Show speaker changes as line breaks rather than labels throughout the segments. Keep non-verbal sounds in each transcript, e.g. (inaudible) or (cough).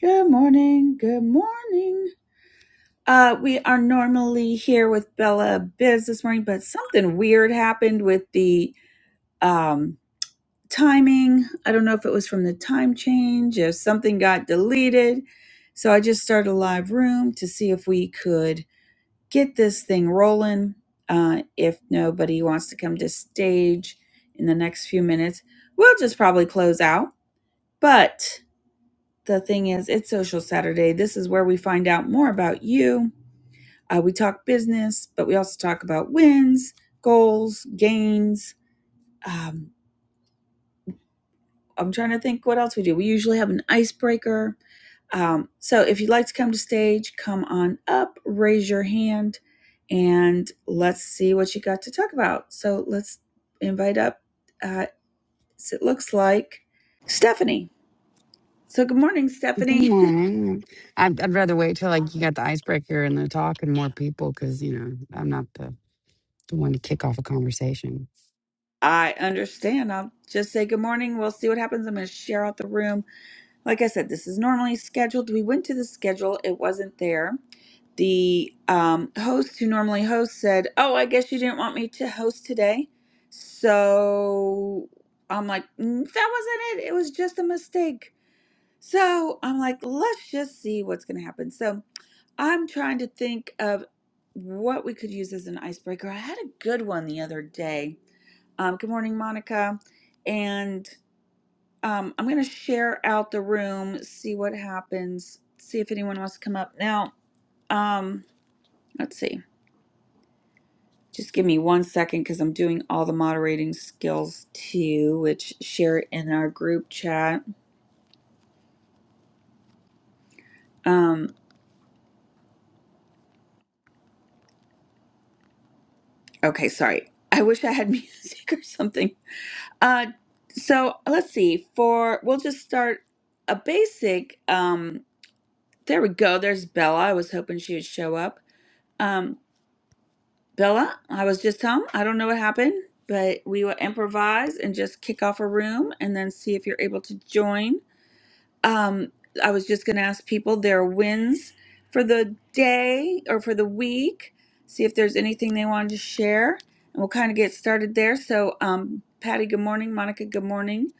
Good morning. Good morning. Uh, we are normally here with Bella Biz this morning, but something weird happened with the um, timing. I don't know if it was from the time change, if something got deleted. So I just started a live room to see if we could get this thing rolling. Uh, if nobody wants to come to stage in the next few minutes, we'll just probably close out. But The thing is, it's Social Saturday. This is where we find out more about you. Uh, we talk business, but we also talk about wins, goals, gains. Um, I'm trying to think what else we do. We usually have an icebreaker. Um, so if you'd like to come to stage, come on up, raise your hand, and let's see what you got to talk about. So let's invite up, uh, it looks like Stephanie. So good morning,
Good
Stephanie. (laughs)
morning. I'd, I'd rather wait till like you got the icebreaker and the talk and more people because you know I'm not the, the one to kick off a conversation.
I understand. I'll just say good morning. We'll see what happens. I'm going to share out the room. Like I said, this is normally scheduled. We went to the schedule, it wasn't there. The um, host who normally hosts said, Oh, I guess you didn't want me to host today. So I'm like, "Mm, That wasn't it. It was just a mistake. So I'm like, Let's just see what's going to happen. So I'm trying to think of what we could use as an icebreaker. I had a good one the other day um, good morning, Monica. And um, I'm going to share out the room, see what happens, see if anyone wants to come up. Now, um, let's see. Just give me one second because I'm doing all the moderating skills too, which share in our group chat. Um, okay, sorry. I wish I had (laughs) music or something. Uh, so let's see. For we'll just start a basic. Um, there we go. There's Bella. I was hoping she would show up. Um, Bella, I was just home. I don't know what happened, but we will improvise and just kick off a room and then see if you're able to join. Um, I was just going to ask people their wins for the day or for the week, see if there's anything they wanted to share, and we'll kind of get started there. So, um, Patty, good morning. Monica, good morning.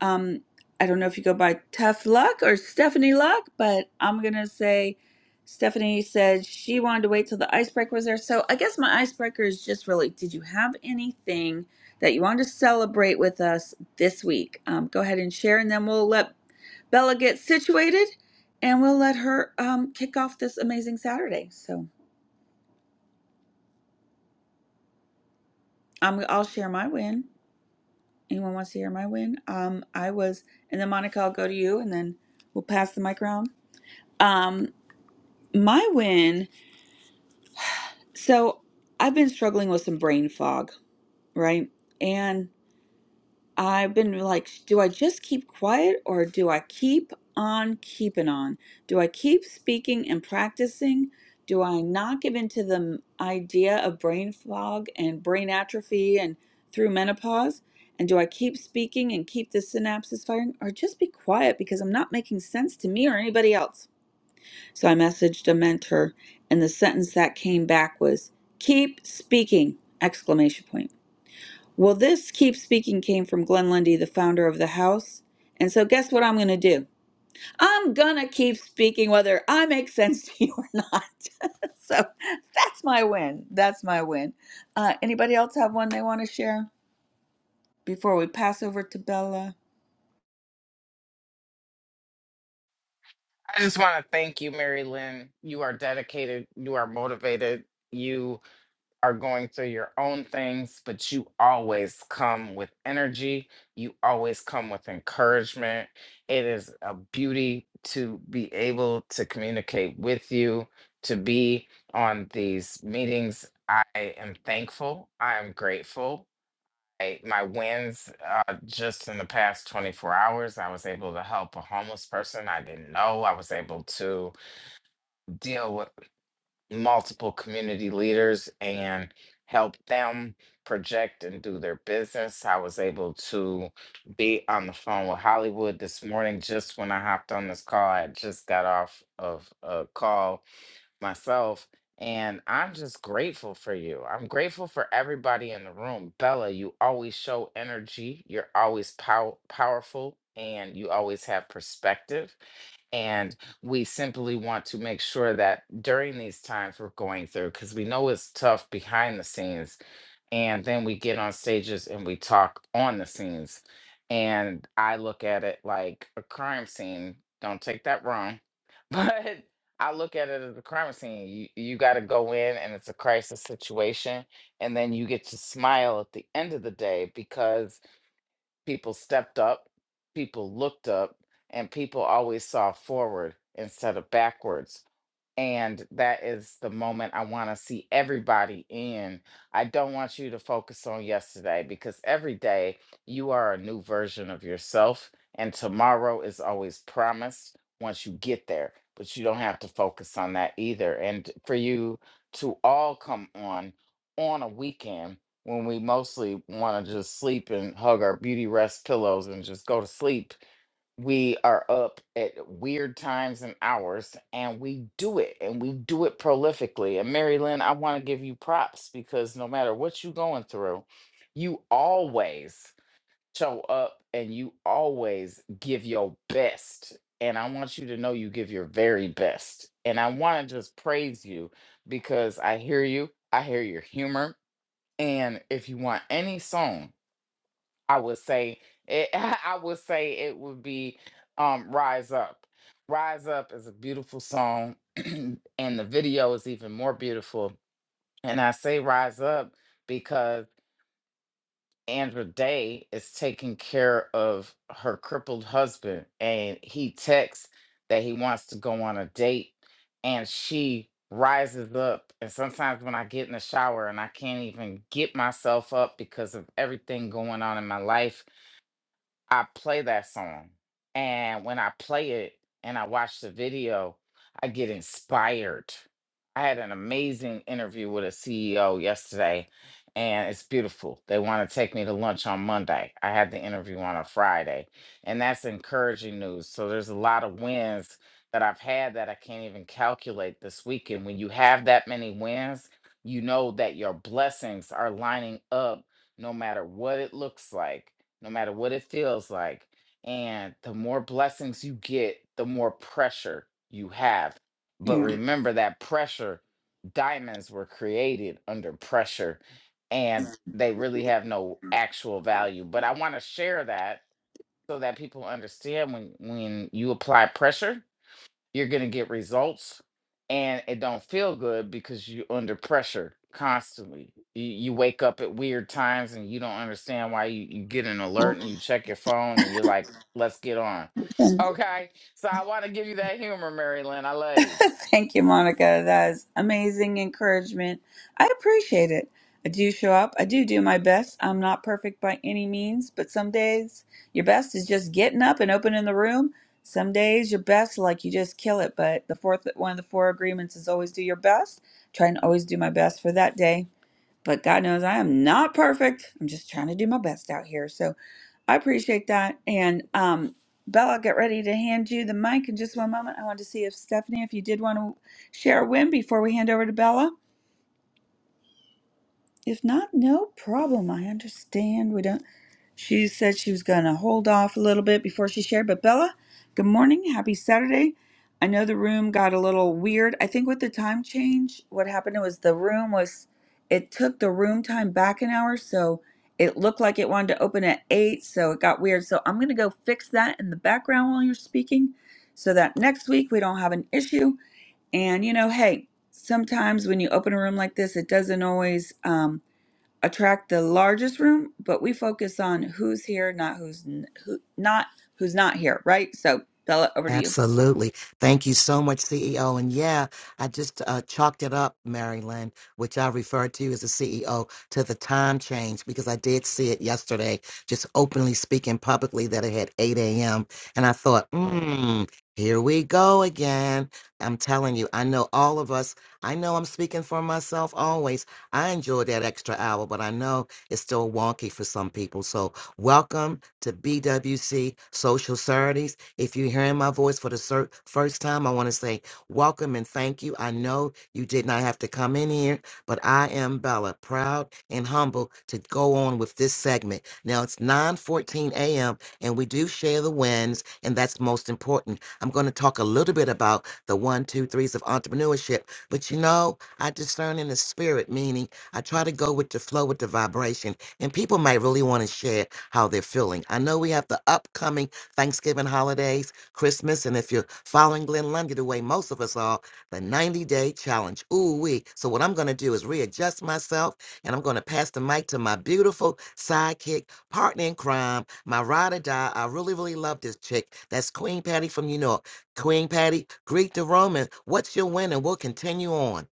Um, I don't know if you go by Tough Luck or Stephanie Luck, but I'm going to say Stephanie said she wanted to wait till the icebreaker was there. So, I guess my icebreaker is just really did you have anything that you wanted to celebrate with us this week? Um, go ahead and share, and then we'll let Bella gets situated, and we'll let her um, kick off this amazing Saturday. So i I'll share my win. Anyone wants to hear my win? Um, I was, and then Monica, I'll go to you, and then we'll pass the mic around. Um, my win. So I've been struggling with some brain fog, right? And. I've been like, do I just keep quiet or do I keep on keeping on? Do I keep speaking and practicing? Do I not give in to the m- idea of brain fog and brain atrophy and through menopause? And do I keep speaking and keep the synapses firing or just be quiet because I'm not making sense to me or anybody else? So I messaged a mentor and the sentence that came back was keep speaking exclamation point. Well, this keep speaking came from Glenn Lundy, the founder of the house. And so, guess what I'm going to do? I'm going to keep speaking whether I make sense (laughs) to you or not. (laughs) so, that's my win. That's my win. Uh, anybody else have one they want to share before we pass over to Bella?
I just want to thank you, Mary Lynn. You are dedicated, you are motivated, you are going through your own things, but you always come with energy. You always come with encouragement. It is a beauty to be able to communicate with you, to be on these meetings. I am thankful. I am grateful I- my wins uh, just in the past 24 hours i was able to help a homeless person i didn't know i was able to deal with multiple community leaders and help them project and do their business i was able to be on the phone with hollywood this morning just when i hopped on this call i had just got off of a call myself. And I'm just grateful for you. I'm grateful for everybody in the room. Bella, you always show energy. You're always pow- powerful and you always have perspective. And we simply want to make sure that during these times we're going through, because we know it's tough behind the scenes, and then we get on stages and we talk on the scenes and i look at it like a crime scene don't take that wrong (laughs) but i look at it as a crime scene you, you got to go in and it's a crisis situation and then you get to smile at the end of the day because people stepped up people looked up and people always saw forward instead of backwards and that is the moment I want to see everybody in. I don't want you to focus on yesterday because every day you are a new version of yourself, and tomorrow is always promised once you get there, but you don't have to focus on that either. And for you to all come on on a weekend when we mostly want to just sleep and hug our beauty rest pillows and just go to sleep we are up at weird times and hours and we do it and we do it prolifically and mary lynn i want to give you props because no matter what you're going through you always show up and you always give your best and i want you to know you give your very best and i want to just praise you because i hear you i hear your humor and if you want any song I would say it, (laughs) I would say it would be um Rise Up. Rise Up is a beautiful song (clears throat) and the video is even more beautiful. And I say Rise Up because Andra Day is taking care of her crippled husband and he texts that he wants to go on a date and she rises up and sometimes when I get in the shower and I can't even get myself up because of everything going on in my life I play that song. And when I play it and I watch the video, I get inspired. I had an amazing interview with a CEO yesterday, and it's beautiful. They want to take me to lunch on Monday. I had the interview on a Friday, and that's encouraging news. So there's a lot of wins that I've had that I can't even calculate this weekend. When you have that many wins, you know that your blessings are lining up no matter what it looks like, no matter what it feels like. And the more blessings you get, the more pressure you have. But
Yeah.
remember that pressure, diamonds were created under pressure and they really have no actual value. But I want to share that so that people understand when when you apply pressure you're going to get results and it don't feel good because you are under pressure constantly you, you wake up at weird times and you don't understand why you, you get an alert
Well,
and you check your phone and you're like let's get on okay so i want to give you that humor mary lynn i love you
(laughs) Thank you, Monica. That is amazing encouragement. I appreciate it. I do show up. I do do my best. I'm not perfect by any means, but some days your best is just getting up and opening the room. Some days your best, like you just kill it. But the fourth, one of the four agreements is always do your best. Try and always do my best for that day. But God knows I am not perfect. I'm just trying to do my best out here. So I appreciate that. And um, Bella, I'll get ready to hand you the mic in just one moment. I wanted to see if Stephanie, if you did want to share a win before we hand over to Bella. If not, no problem. I understand. We don't. She said she was going to hold off a little bit before she shared. But Bella, good morning. Happy Saturday. I know the room got a little weird. I think with the time change, what happened was the room was, it took the room time back an hour. So it looked like it wanted to open at eight. So it got weird. So I'm going to go fix that in the background while you're speaking so that next week we don't have an issue. And, you know, hey, sometimes when you open a room like this, it doesn't always. um, attract the largest room, but we focus on who's here, not who's n- who not who's not here, right? So Bella, over to you.
Absolutely. Thank you so much, CEO. And yeah, I just uh, chalked it up, Mary Lynn, which I referred to as the CEO, to the time change because I did see it yesterday, just openly speaking publicly that it had 8 a.m. And I thought, hmm, here we go again. I'm telling you, I know all of us, I know I'm speaking for myself always. I enjoy that extra hour, but I know it's still wonky for some people. So welcome to BWC Social Saturdays. If you're hearing my voice for the cer- first time, I want to say welcome and thank you. I know you did not have to come in here, but I am Bella, proud and humble to go on with this segment. Now it's 9:14 a.m. and we do share the wins, and that's most important. I'm going to talk a little bit about the one, two, threes of entrepreneurship, but you know, I discern in the spirit, meaning I try to go with the flow, with the vibration, and people might really want to share how they're feeling. I know we have the upcoming Thanksgiving holidays, Christmas, and if you're following Glenn Lundy the way most of us are, the 90 day challenge. Ooh, wee. So, what I'm going to do is readjust myself and I'm going to pass the mic to my beautiful sidekick, partner in crime, my ride or die. I really, really love this chick. That's Queen Patty from New York. Queen Patty, greet the Roman. What's your win? And we'll continue on.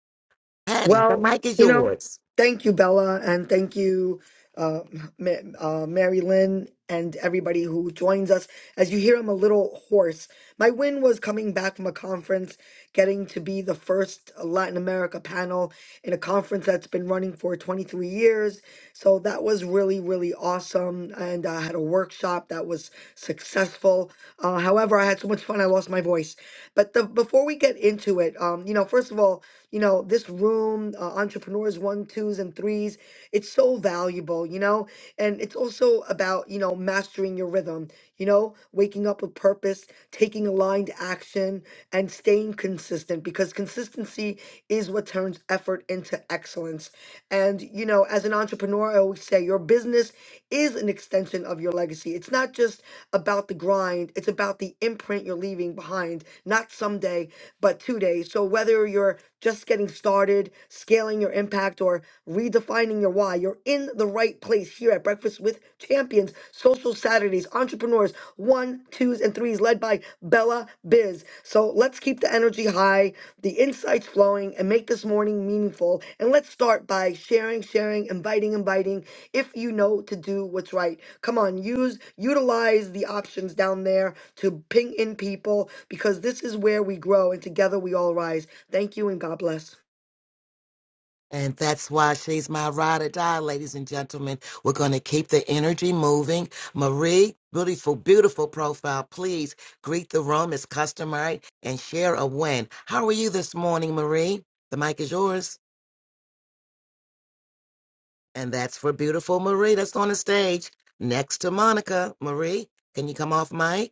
Patty, the
Well,
mic is
you know,
yours.
thank you, Bella, and thank you, uh, Ma- uh, Mary Lynn, and everybody who joins us. As you hear, I'm a little hoarse. My win was coming back from a conference, getting to be the first Latin America panel in a conference that's been running for 23 years. So that was really, really awesome. And I had a workshop that was successful. Uh, however, I had so much fun, I lost my voice. But the, before we get into it, um, you know, first of all, you know, this room, uh, entrepreneurs one, twos, and threes. It's so valuable, you know, and it's also about, you know, mastering your rhythm you know, waking up with purpose, taking aligned action, and staying consistent because consistency is what turns effort into excellence. And, you know, as an entrepreneur, I always say your business is an extension of your legacy. It's not just about the grind, it's about the imprint you're leaving behind, not someday, but today. So whether you're just getting started, scaling your impact, or redefining your why, you're in the right place here at Breakfast with Champions, Social Saturdays, Entrepreneurs, One, Twos, and Threes, led by Bella Biz. So let's keep the energy high, the insights flowing, and make this morning meaningful. And let's start by sharing, sharing, inviting, inviting, if you know to do what's right. Come on, use, utilize the options down there to ping in people because this is where we grow, and together we all rise. Thank you, and God bless.
And that's why she's my ride or die, ladies and gentlemen. We're going to keep the energy moving. Marie, beautiful, beautiful profile. Please greet the room as customary and share a win. How are you this morning, Marie? The mic is yours. And that's for beautiful Marie that's on the stage next to Monica. Marie, can you come off mic?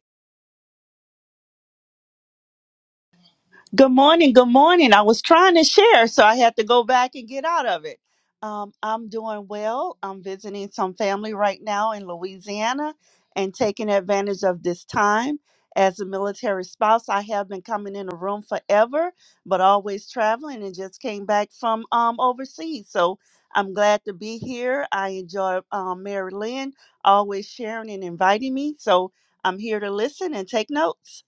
Good morning. Good morning. I was trying to share, so I had to go back and get out of it. Um, I'm doing well. I'm visiting some family right now in Louisiana and taking advantage of this time. As a military spouse, I have been coming in the room forever, but always traveling and just came back from um, overseas. So I'm glad to be here. I enjoy um, Mary Lynn always sharing and inviting me. So I'm here to listen and take notes.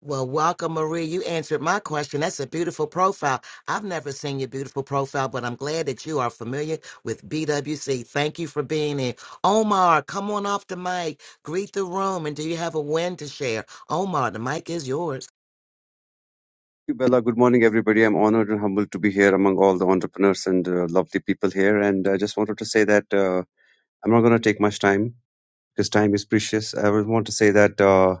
Well, welcome, Maria. You answered my question. That's a beautiful profile. I've never seen your beautiful profile, but I'm glad that you are familiar with BWC. Thank you for being here. Omar, come on off the mic. Greet the room. And do you have a win to share? Omar, the mic is yours.
you, Bella. Good morning, everybody. I'm honored and humbled to be here among all the entrepreneurs and uh, lovely people here. And I just wanted to say that uh, I'm not going to take much time because time is precious. I would want to say that uh,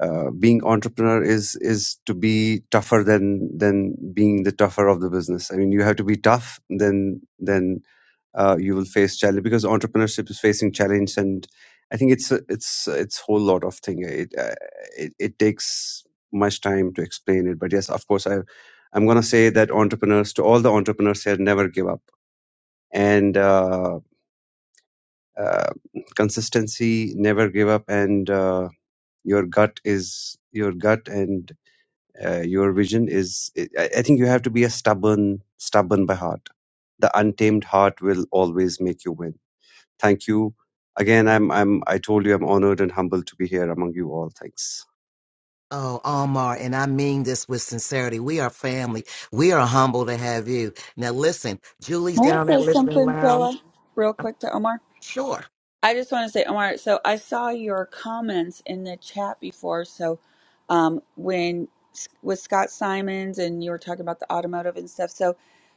uh, being entrepreneur is is to be tougher than than being the tougher of the business. I mean, you have to be tough, then then uh, you will face challenge because entrepreneurship is facing challenge and i think it's a, it's it's whole lot of thing it, uh, it it takes much time to explain it but yes of course i i'm going to say that entrepreneurs to all the entrepreneurs here never give up and uh, uh, consistency never give up and uh, your gut is your gut and uh, your vision is I, I think you have to be a stubborn stubborn by heart the untamed heart will always make you win Thank you. Again, I'm, I'm, I told you I'm honored and humbled to be here among you all. Thanks.
Oh, Omar, and I mean this with sincerity. We are family. We are humble to have you. Now, listen, Julie's
Can I
down at
say
Listening
something,
Lounge.
Bella, real quick to Omar?
Sure.
I just want to say, Omar, so I saw your comments in the chat before. So um, when with Scott Simons and you were talking about the automotive and stuff. So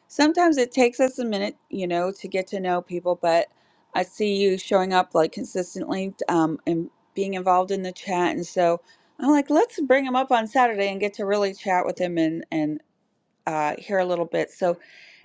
sometimes it takes us a minute, you know, to get to know people, but I see you showing up like consistently um, and being involved in the chat. And so I'm like, let's bring him up on Saturday and get to really chat with him and, and uh, hear a little bit. So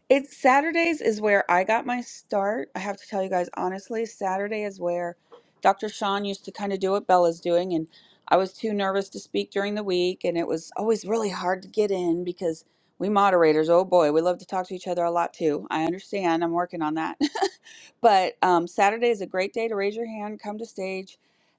it's Saturdays is where I got my start. I have to tell you guys honestly, Saturday is where Dr. Sean used to kind of do what Bella's doing, and I was too nervous to speak during the week, and it was always really hard to get in because we moderators, oh boy, we love to talk to each other a lot too. I understand. I'm working on that. (laughs) but um, Saturday is a great day to raise your hand, come to stage,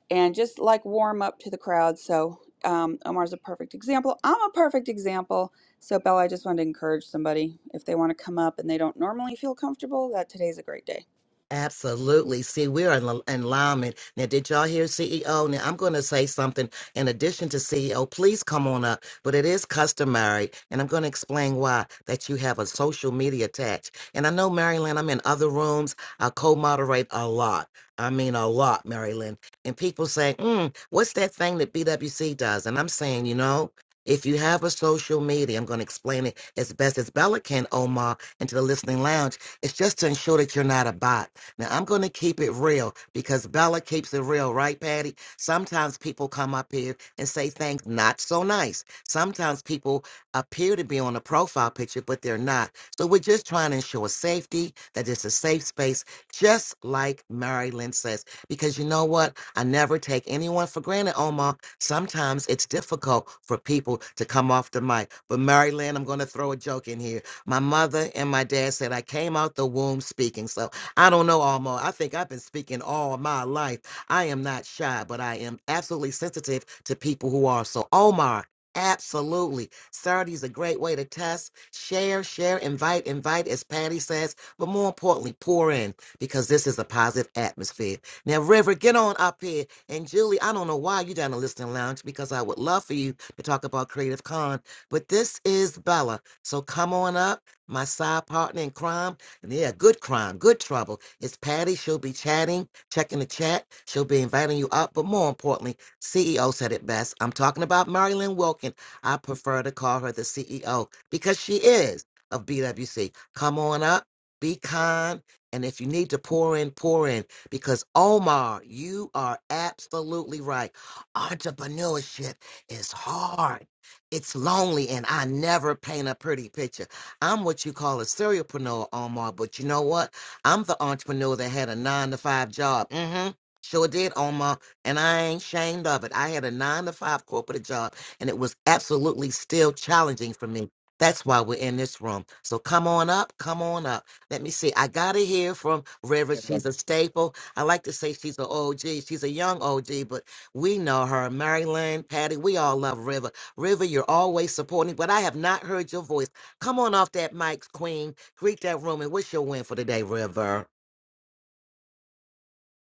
and just like warm up to the crowd. So um, Omar's a perfect example. I'm a perfect example so, Bella, I just wanted to encourage somebody if they want to come up and they don't normally feel comfortable, that today's a great day.
Absolutely. See, we're in, al- in alignment. Now, did y'all hear CEO? Now, I'm going to say something in addition to CEO. Please come on up, but it is customary, and I'm going to explain why that you have a social media attached. And I know, Marilyn, I'm in other rooms. I co moderate a lot. I mean, a lot, Marilyn. And people say, mm, what's that thing that BWC does? And I'm saying, you know, if you have a social media, I'm going to explain it as best as Bella can, Omar, and to the listening lounge. It's just to ensure that you're not a bot. Now I'm going to keep it real because Bella keeps it real, right, Patty? Sometimes people come up here and say things not so nice. Sometimes people appear to be on a profile picture, but they're not. So we're just trying to ensure safety, that it's a safe space, just like Mary Lynn says. Because you know what? I never take anyone for granted, Omar. Sometimes it's difficult for people to come off the mic. But Mary Lynn, I'm going to throw a joke in here. My mother and my dad said I came out the womb speaking. So I don't know, Alma. I think I've been speaking all my life. I am not shy, but I am absolutely sensitive to people who are. So, Omar, absolutely. Saturday is a great way to test. Share, share, invite, invite, as Patty says. But more importantly, pour in because this is a positive atmosphere. Now, River, get on up here. And Julie, I don't know why you're down in the listening lounge because I would love for you to talk about Creative Con. But this is Bella. So come on up, my side partner in crime. Yeah, good crime, good trouble. It's Patty. She'll be chatting, checking the chat. She'll be inviting you up. But more importantly, CEO said it best. I'm talking about Marilyn Wilkin. I prefer to call her the CEO because she is of BWC. Come on up, be kind. And if you need to pour in, pour in. Because Omar, you are absolutely right. Entrepreneurship is hard. It's lonely, and I never paint a pretty picture. I'm what you call a serialpreneur, Omar. But you know what? I'm the entrepreneur that had a nine to five job. Mm-hmm. Sure did, Omar. And I ain't ashamed of it. I had a nine to five corporate job, and it was absolutely still challenging for me. That's why we're in this room. So come on up, come on up. Let me see. I got to hear from River.
Yeah.
She's a staple. I like to say she's an OG. She's a young OG, but we know her. Marilyn, Patty, we all love River. River, you're always supporting, but I have not heard your voice. Come on off that mic, Queen. Greet that room. And what's your win for the day, River?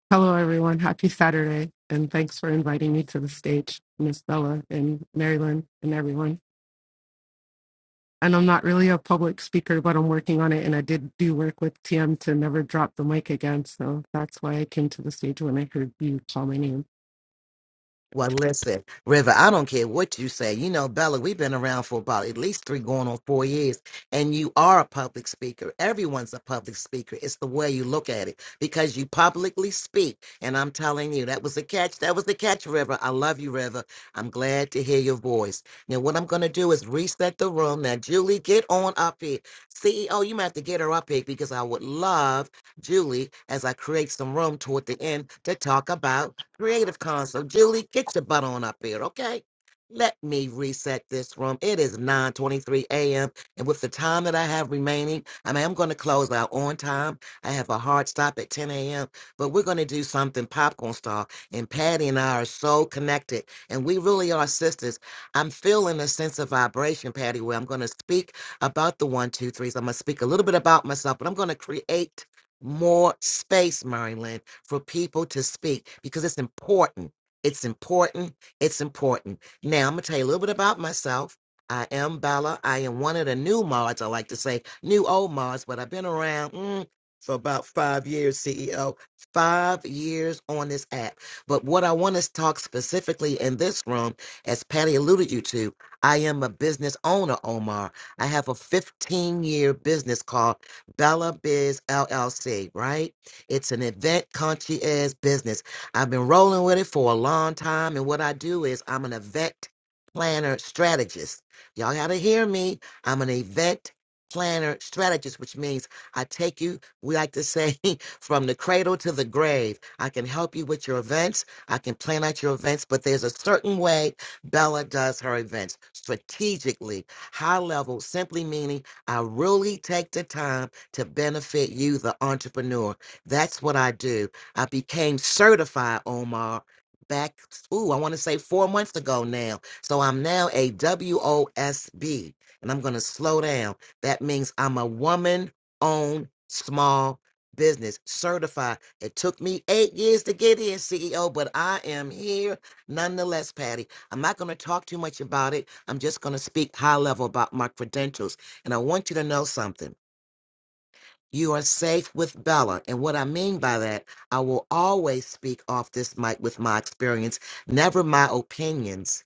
Hello, everyone. Happy Saturday, and thanks for inviting me to the stage, Miss Bella and Marilyn and everyone. And I'm not really a public speaker, but I'm working on it, and I did do work with TM to never drop the mic again, so that's why I came to the stage when I heard you call my name.
Well, listen, River, I don't care what you say. You know, Bella, we've been around for about at least three going on four years, and you are a public speaker. Everyone's a public speaker. It's the way you look at it because you publicly speak. And I'm telling you, that was the catch. That was the catch, River. I love you, River. I'm glad to hear your voice. Now, what I'm going to do is reset the room. Now, Julie, get on up here. CEO, you might have to get her up here because I would love Julie as I create some room toward the end to talk about. Creative console, Julie, get your butt on up here, okay? Let me reset this room. It is 9:23 a.m. and with the time that I have remaining, I mean, I'm going to close out on time. I have a hard stop at 10 a.m., but we're going to do something popcorn style. And Patty and I are so connected, and we really are sisters. I'm feeling a sense of vibration, Patty, where I'm going to speak about the one, two, threes. I'm going to speak a little bit about myself, but I'm going to create more space, Marilyn, for people to speak because it's important. It's important. It's important. Now, I'm going to tell you a little bit about myself. I am Bella. I am one of the new mods. I like to say new old mods, but I've been around mm, for about five years, CEO. Five years on this app. But what I want to talk specifically in this room, as Patty alluded you to, I am a business owner, Omar. I have a 15 year business called Bella Biz LLC, right? It's an event concierge business. I've been rolling with it for a long time. And what I do is I'm an event planner strategist. Y'all got to hear me. I'm an event planner strategist, which means I take you, we like to say, (laughs) from the cradle to the grave. I can help you with your events. I can plan out your events, but there's a certain way Bella does her events strategically, high level, simply meaning I really take the time to benefit you, the entrepreneur. That's what I do. I became certified, Omar, back, ooh, I want to say four months ago now. So I'm now a WOSB, and I'm going to slow down. That means I'm a woman owned small business certified. It took me eight years to get here, CEO, but I am here nonetheless, Patty. I'm not going to talk too much about it. I'm just going to speak high level about my credentials. And I want you to know something. You are safe with Bella. And what I mean by that, I will always speak off this mic with my experience, never my opinions.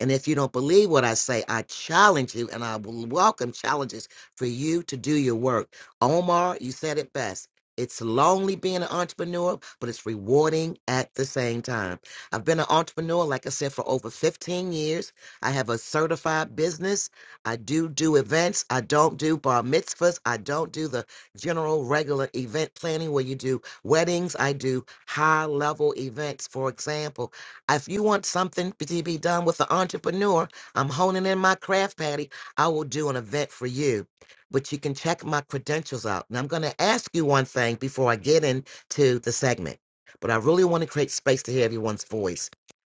And if you don't believe what I say, I challenge you and I will welcome challenges for you to do your work. Omar, you said it best. It's lonely being an entrepreneur, but it's rewarding at the same time. I've been an entrepreneur, like I said, for over 15 years. I have a certified business. I do do events. I don't do bar mitzvahs. I don't do the general regular event planning where you do weddings. I do high level events. For example, if you want something to be done with an entrepreneur, I'm honing in my craft, Patty. I will do an event for you, but you can check my credentials out. And I'm going to ask you one thing before I get into the segment, but I really want to create space to hear everyone's voice.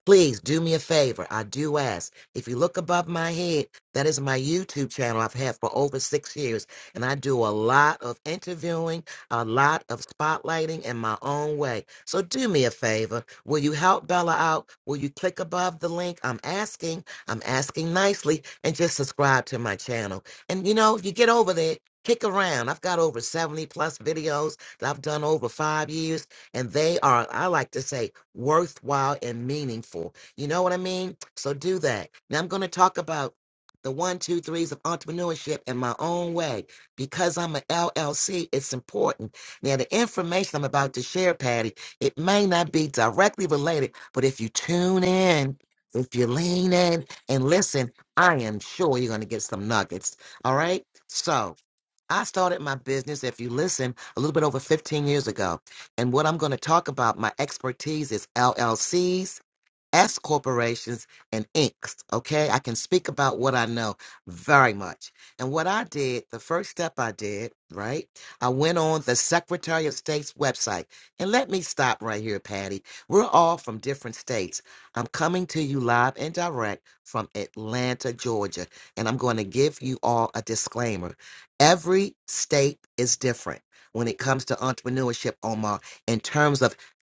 Please do me a favor. I do ask. If you look above my head, that is my YouTube channel I've had for over six years. And I do a lot of interviewing, a lot of spotlighting in my own way. So do me a favor. Will you help Bella out? Will you click above the link? I'm asking. I'm asking nicely. And just subscribe to my channel. And you know, if you get over there, kick around. I've got over 70 plus videos that I've done over five years and they are, I like to say, worthwhile and meaningful. You know what I mean? So do that. Now I'm going to talk about the one, two, threes of entrepreneurship in my own way. Because I'm an LLC, it's important. Now, the information I'm about to share, Patty, it may not be directly related, but if you tune in, if you lean in and listen, I am sure you're going to get some nuggets. All right? So, I started my business, if you listen, a little bit over 15 years ago. And what I'm going to talk about, my expertise is LLCs, S corporations and inks. Okay. I can speak about what I know very much. And what I did, the first step I did, right? I went on the Secretary of State's website. And let me stop right here, Patty. We're all from different states. I'm coming to you live and direct from Atlanta, Georgia. And I'm going to give you all a disclaimer. Every state is different when it comes to entrepreneurship, Omar, in terms of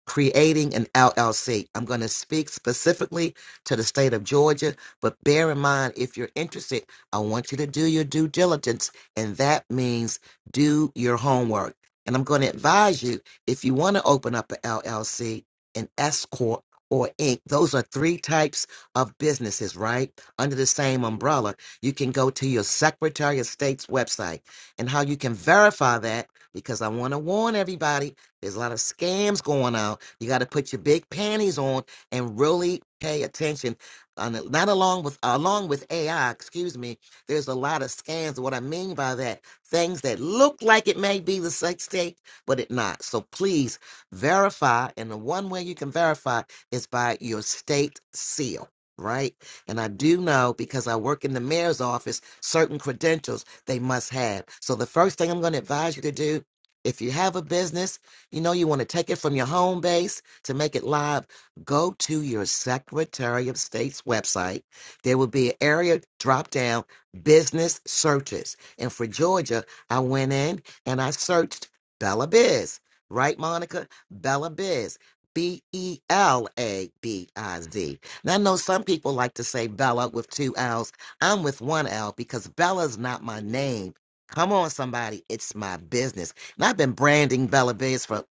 creating an LLC. I'm going to speak specifically to the state of Georgia, but bear in mind if you're interested, I want you to do your due diligence, and that means do your homework. And I'm going to advise you if you want to open up an LLC, an S Corp, or Inc. Those are three types of businesses, right? Under the same umbrella. You can go to your Secretary of State's website and how you can verify that because I want to warn everybody there's a lot of scams going on. You got to put your big panties on and really pay attention. On the- not along with along with AI, excuse me. There's a lot of scams. What I mean by that, things that look like it may be the sex tape, but it not. So please verify, and the one way you can verify is by your state seal, right? And I do know because I work in the mayor's office, certain credentials they must have. So the first thing I'm going to advise you to do, if you have a business you know, you want to take it from your home base to make it live. Go to your Secretary of State's website. There will be an area drop down business searches. And for Georgia, I went in and I searched Bella Biz. Right, Monica? Bella Biz. B E L A B I Z. Now, I know some people like to say Bella with two L's. I'm with one L because Bella's not my name. Come on, somebody. It's my business. And I've been branding Bella Biz for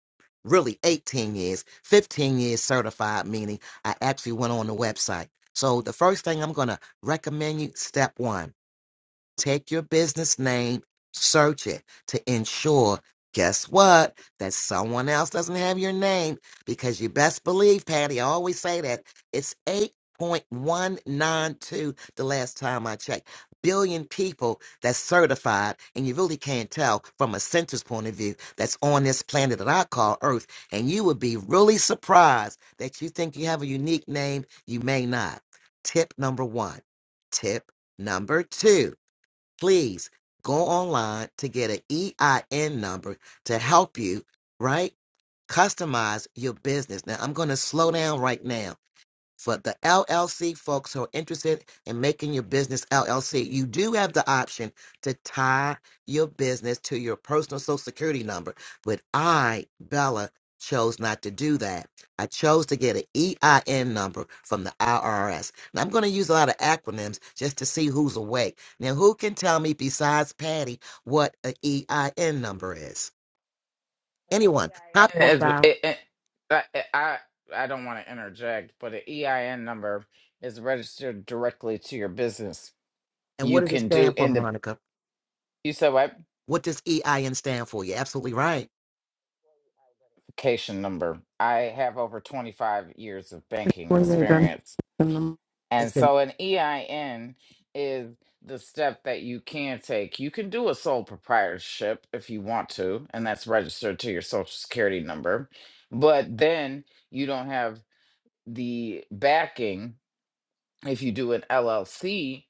really 18 years, 15 years certified, meaning I actually went on the website. So the first thing I'm going to recommend you, step one. Take your business name, search it to ensure, guess what, that someone else doesn't have your name because you best believe, Patty, I always say that it's 8.192 the last time I checked. Billion people that's certified, and you really can't tell from a census point of view that's on this planet that I call Earth. And you would be really surprised that you think you have a unique name, you may not. Tip number one. Tip number two please go online to get an EIN number to help you, right? Customize your business. Now, I'm going to slow down right now for the LLC folks who are interested in making your business LLC, you do have the option to tie your business to your personal social security number. But I, Bella, chose not to do that. I chose to get an EIN number from the IRS. Now I'm going to use a lot of acronyms just to see who's awake. Now, who can tell me besides Patty what an EIN number is? Anyone? Popcorn
As- it-
style.
it- i i, I don't want to interject but an ein number is registered directly to your business
And what
you
does it
can do
stand for,
in the
Monica?
you said what
What does EIN stand for? You're absolutely right.
identification number. I have over 25 years of banking
Morning, Adrian.
experience.
And
It's
And
been
so an EIN is the step that you can take. You can do a sole proprietorship if you want to, and that's registered to your social security number. But then you don't have the backing if you do an LLC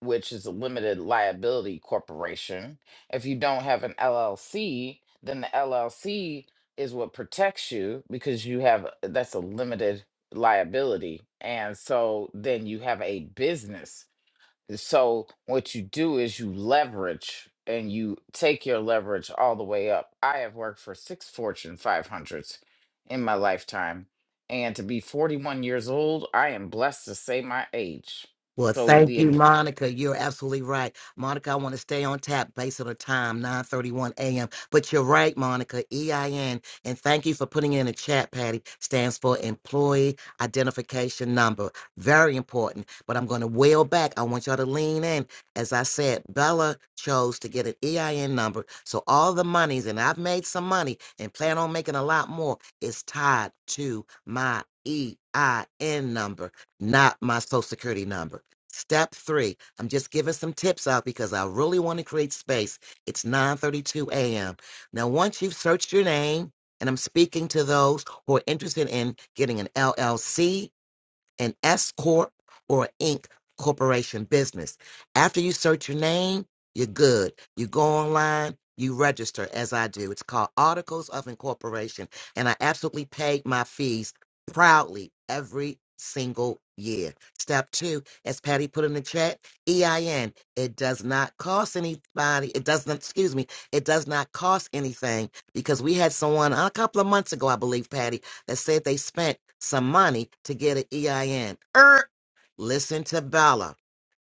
which is a limited liability corporation. If you don't have an LLC, then the LLC is what protects you because you have that's a limited liability. And so then you have a business. So what you do is you leverage and you take your leverage all the way up. I have worked for six Fortune 500s in my lifetime. And to be 41 years old, I am blessed to say my age.
Well,
So
thank
the
you, Monica. You're absolutely right. Monica, I want to stay on tap based on the time, 9.31 a.m. But you're right, Monica, EIN. And thank you for putting it in the chat, Patty, stands for Employee Identification Number. Very important. But I'm going to wheel back. I want y'all to lean in. As I said, Bella chose to get an EIN number. So all the monies, and I've made some money and plan on making a lot more, is tied to my EIN number, not my social security number. Step three, I'm just giving some tips out because I really want to create space. It's 9:32 a.m. Now, once you've searched your name, and I'm speaking to those who are interested in getting an LLC, an S Corp or Inc. corporation business. After you search your name, you're good. You go online, you register as I do. It's called Articles of Incorporation. And I absolutely paid my fees proudly every single year. Step two, as Patty put in the chat, EIN. It does not cost anybody, it doesn't, excuse me, it does not cost anything because we had someone a couple of months ago, I believe, Patty that said they spent some money to get an EIN. Er, listen to Bella.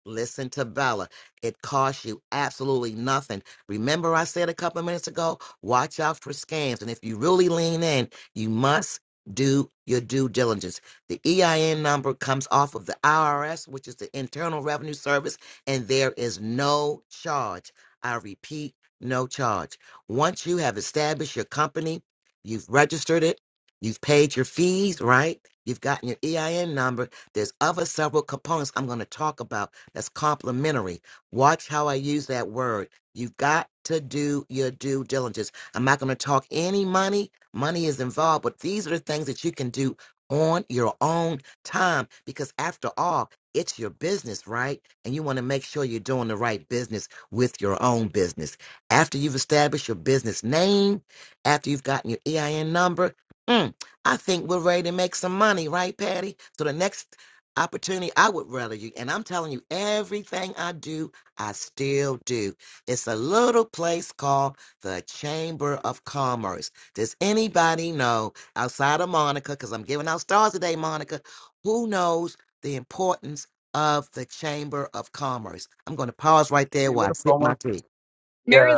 Listen to Bella. It costs you absolutely nothing. Remember, I said a couple of minutes ago, watch out for scams. And if you really lean in, you must do your due diligence. The EIN number comes off of the IRS, which is the Internal Revenue Service, and there is no charge. I repeat, no charge. Once you have established your company, you've registered it, You've paid your fees, right? You've gotten your EIN number. There's other several components I'm going to talk about that's complementary. Watch how I use that word. You've got to do your due diligence. I'm not going to talk any money. Money is involved, but these are the things that you can do on your own time because after all, it's your business, right? And you want to make sure you're doing the right business with your own business. After you've established your business name, after you've gotten your EIN number, mm, I think we're ready to make some money, right, Patty? So the next opportunity, I would rather you. And I'm telling you, everything I do, I still do. It's a little place called the Chamber of Commerce. Does anybody know outside of Monica? Because I'm giving out stars today, Monica. Who knows the importance of the Chamber of Commerce? I'm going to pause right there
Chamber
while I
of
sip my
Commerce.
tea.
Mary
Yeah.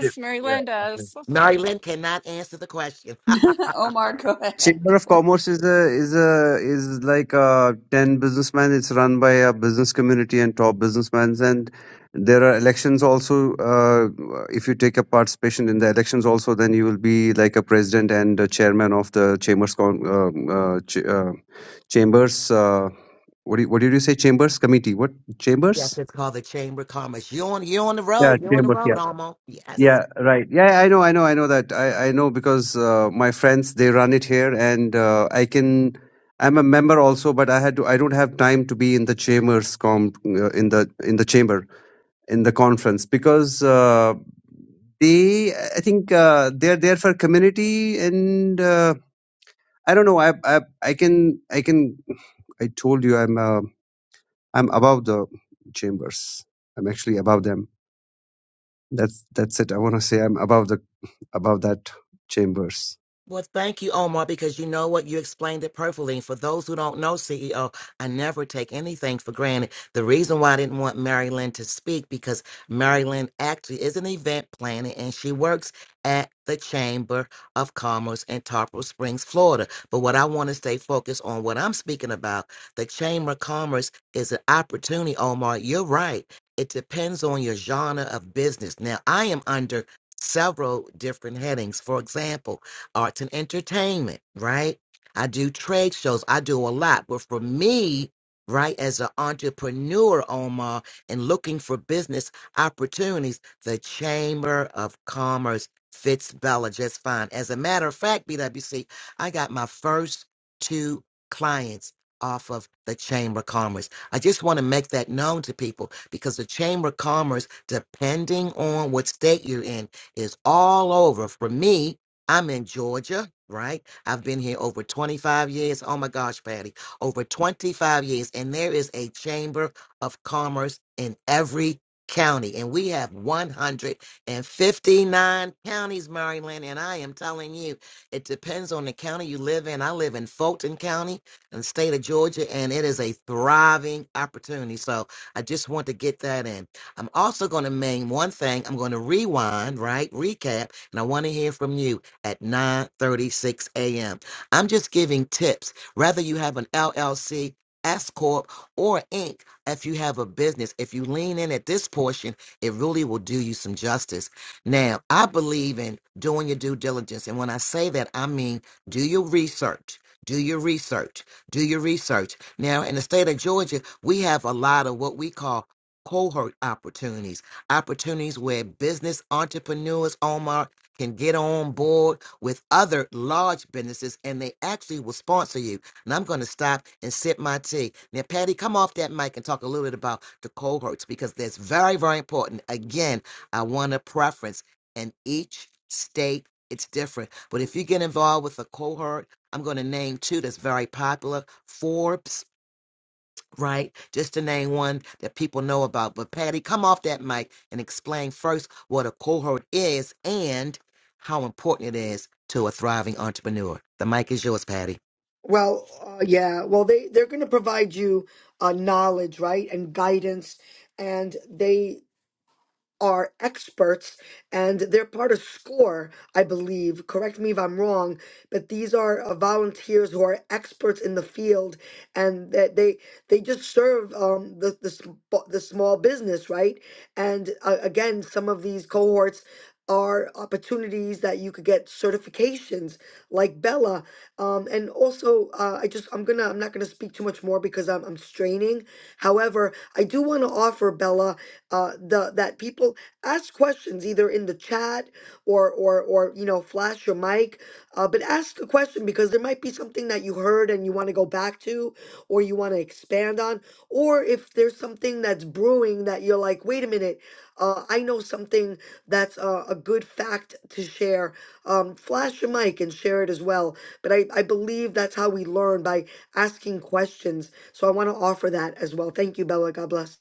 Yeah.
Mary
yeah, Okay.
Linda's.
Mary Lynn cannot answer the question. (laughs)
(laughs) Omar, go ahead.
Chamber of Commerce is a is a is like uh, ten businessmen. It's run by a business community and top businessmen, and there are elections also. Uh, if you take a participation in the elections, also then you will be like a president and a chairman of the chambers con- um, uh, ch- uh, chambers. Uh, what do you, what did you say? Chambers committee. What
Yes,
chambers?
it's called the Chamber of Commerce. You on you on the
Yeah,
road. You're on the
Chambers. Yeah,
road, Almo. Yes.
Yeah, right. Yeah, I know, I know, I know that. I, I know because uh, my friends they run it here, and uh, I can. I'm a member also, but I had to. I don't have time to be in the chambers com uh, in the in the chamber in the conference because uh, they. I think uh, they're there for community, and uh, I don't know. I, I I can I can. I told you I'm uh, I'm above the chambers. I'm actually above them That's that's it. I want to say I'm above the above that chambers.
Well, thank you, Omar, because you know what? You explained it perfectly. For those who don't know, CEO, I never take anything for granted. The reason why I didn't want Mary Lynn to speak, because Mary Lynn actually is an event planner and she works at the Chamber of Commerce in Tarpon Springs, Florida. But what I want to stay focused on, what I'm speaking about, the Chamber of Commerce is an opportunity, Omar. You're right. It depends on your genre of business. Now, I am under several different headings. For example, arts and entertainment, right? I do trade shows. I do a lot. But for me, right, as an entrepreneur, Omar, and looking for business opportunities, the Chamber of Commerce fits Bella just fine. As a matter of fact, BWC, I got my first two clients off of the Chamber of Commerce. I just want to make that known to people because the Chamber of Commerce, depending on what state you're in, is all over. For me, I'm in Georgia, right? I've been here over 25 years. Oh my gosh, Patty, over 25 years. And there is a Chamber of Commerce in every county. And we have 159 counties, Maryland. And I am telling you, it depends on the county you live in. I live in Fulton County in the state of Georgia, and it is a thriving opportunity. So I just want to get that in. I'm also going to name one thing. I'm going to rewind, right? Recap. And I want to hear from you at 9:36 a.m. I'm just giving tips. Whether you have an LLC, S corp, or Inc. If you have a business, if you lean in at this portion, it really will do you some justice. Now, I believe in doing your due diligence, and when I say that, I mean do your research. Do your research. Do your research. Now, in the state of Georgia, we have a lot of what we call cohort opportunities, opportunities where business entrepreneurs, Omar can get on board with other large businesses and they actually will sponsor you. And I'm going to stop and sip my tea. Now, Patty, come off that mic and talk a little bit about the cohorts because that's very, very important. Again, I want a preference, and each state it's different. But if you get involved with a cohort, I'm going to name two that's very popular. Forbes right? Just to name one that people know about. But Patty, come off that mic and explain first what a cohort is and how important it is to a thriving entrepreneur. The mic is yours, Patty.
Well, uh, yeah. Well, they they're going to provide you uh, knowledge, right, and guidance, and they are experts and they're part of SCORE, I believe. Correct me if I'm wrong, but these are uh, volunteers who are experts in the field and that they they just serve um, the, the, sm- the small business, right? And uh, again, some of these cohorts are opportunities that you could get certifications like Bella. Um, and also, uh, I just, I'm gonna, I'm not gonna speak too much more because I'm, I'm straining. However, I do want to offer Bella uh, the that people ask questions either in the chat or or or you know flash your mic, uh, but ask the question because there might be something that you heard and you want to go back to or you want to expand on, or if there's something that's brewing that you're like, wait a minute, uh, I know something that's uh, a good fact to share. Um, flash your mic and share it as well. But I I believe that's how we learn by asking questions. So I want to offer that as well. Thank you, Bella. God bless.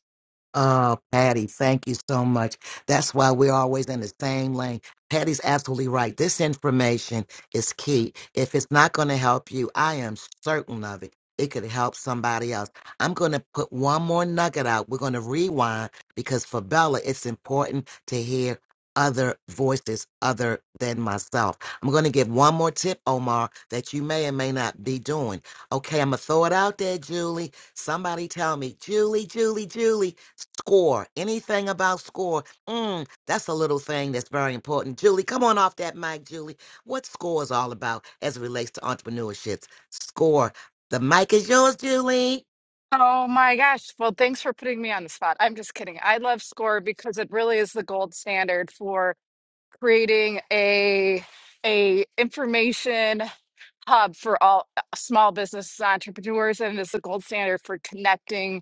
Oh, Patty, thank you so much. That's why we're always in the same lane. Patty's absolutely right. This information is key. If it's not going to help you, I am certain of it. It could help somebody else. I'm going to put one more nugget out. We're going to rewind because for Bella, it's important to hear other voices other than myself. I'm going to give one more tip, Omar, that you may and may not be doing. Okay, I'm going to throw it out there, Julie. Somebody tell me, Julie, Julie, Julie. Score. Anything about score. Mm, that's a little thing that's very important. Julie, come on off that mic, Julie. What score is all about as it relates to entrepreneurships? Score. The mic is yours, Julie.
Oh my gosh. Well, thanks for putting me on the spot. I'm just kidding. I love Score because it really is the gold standard for creating a a information hub for all small business entrepreneurs, and it's the gold standard for connecting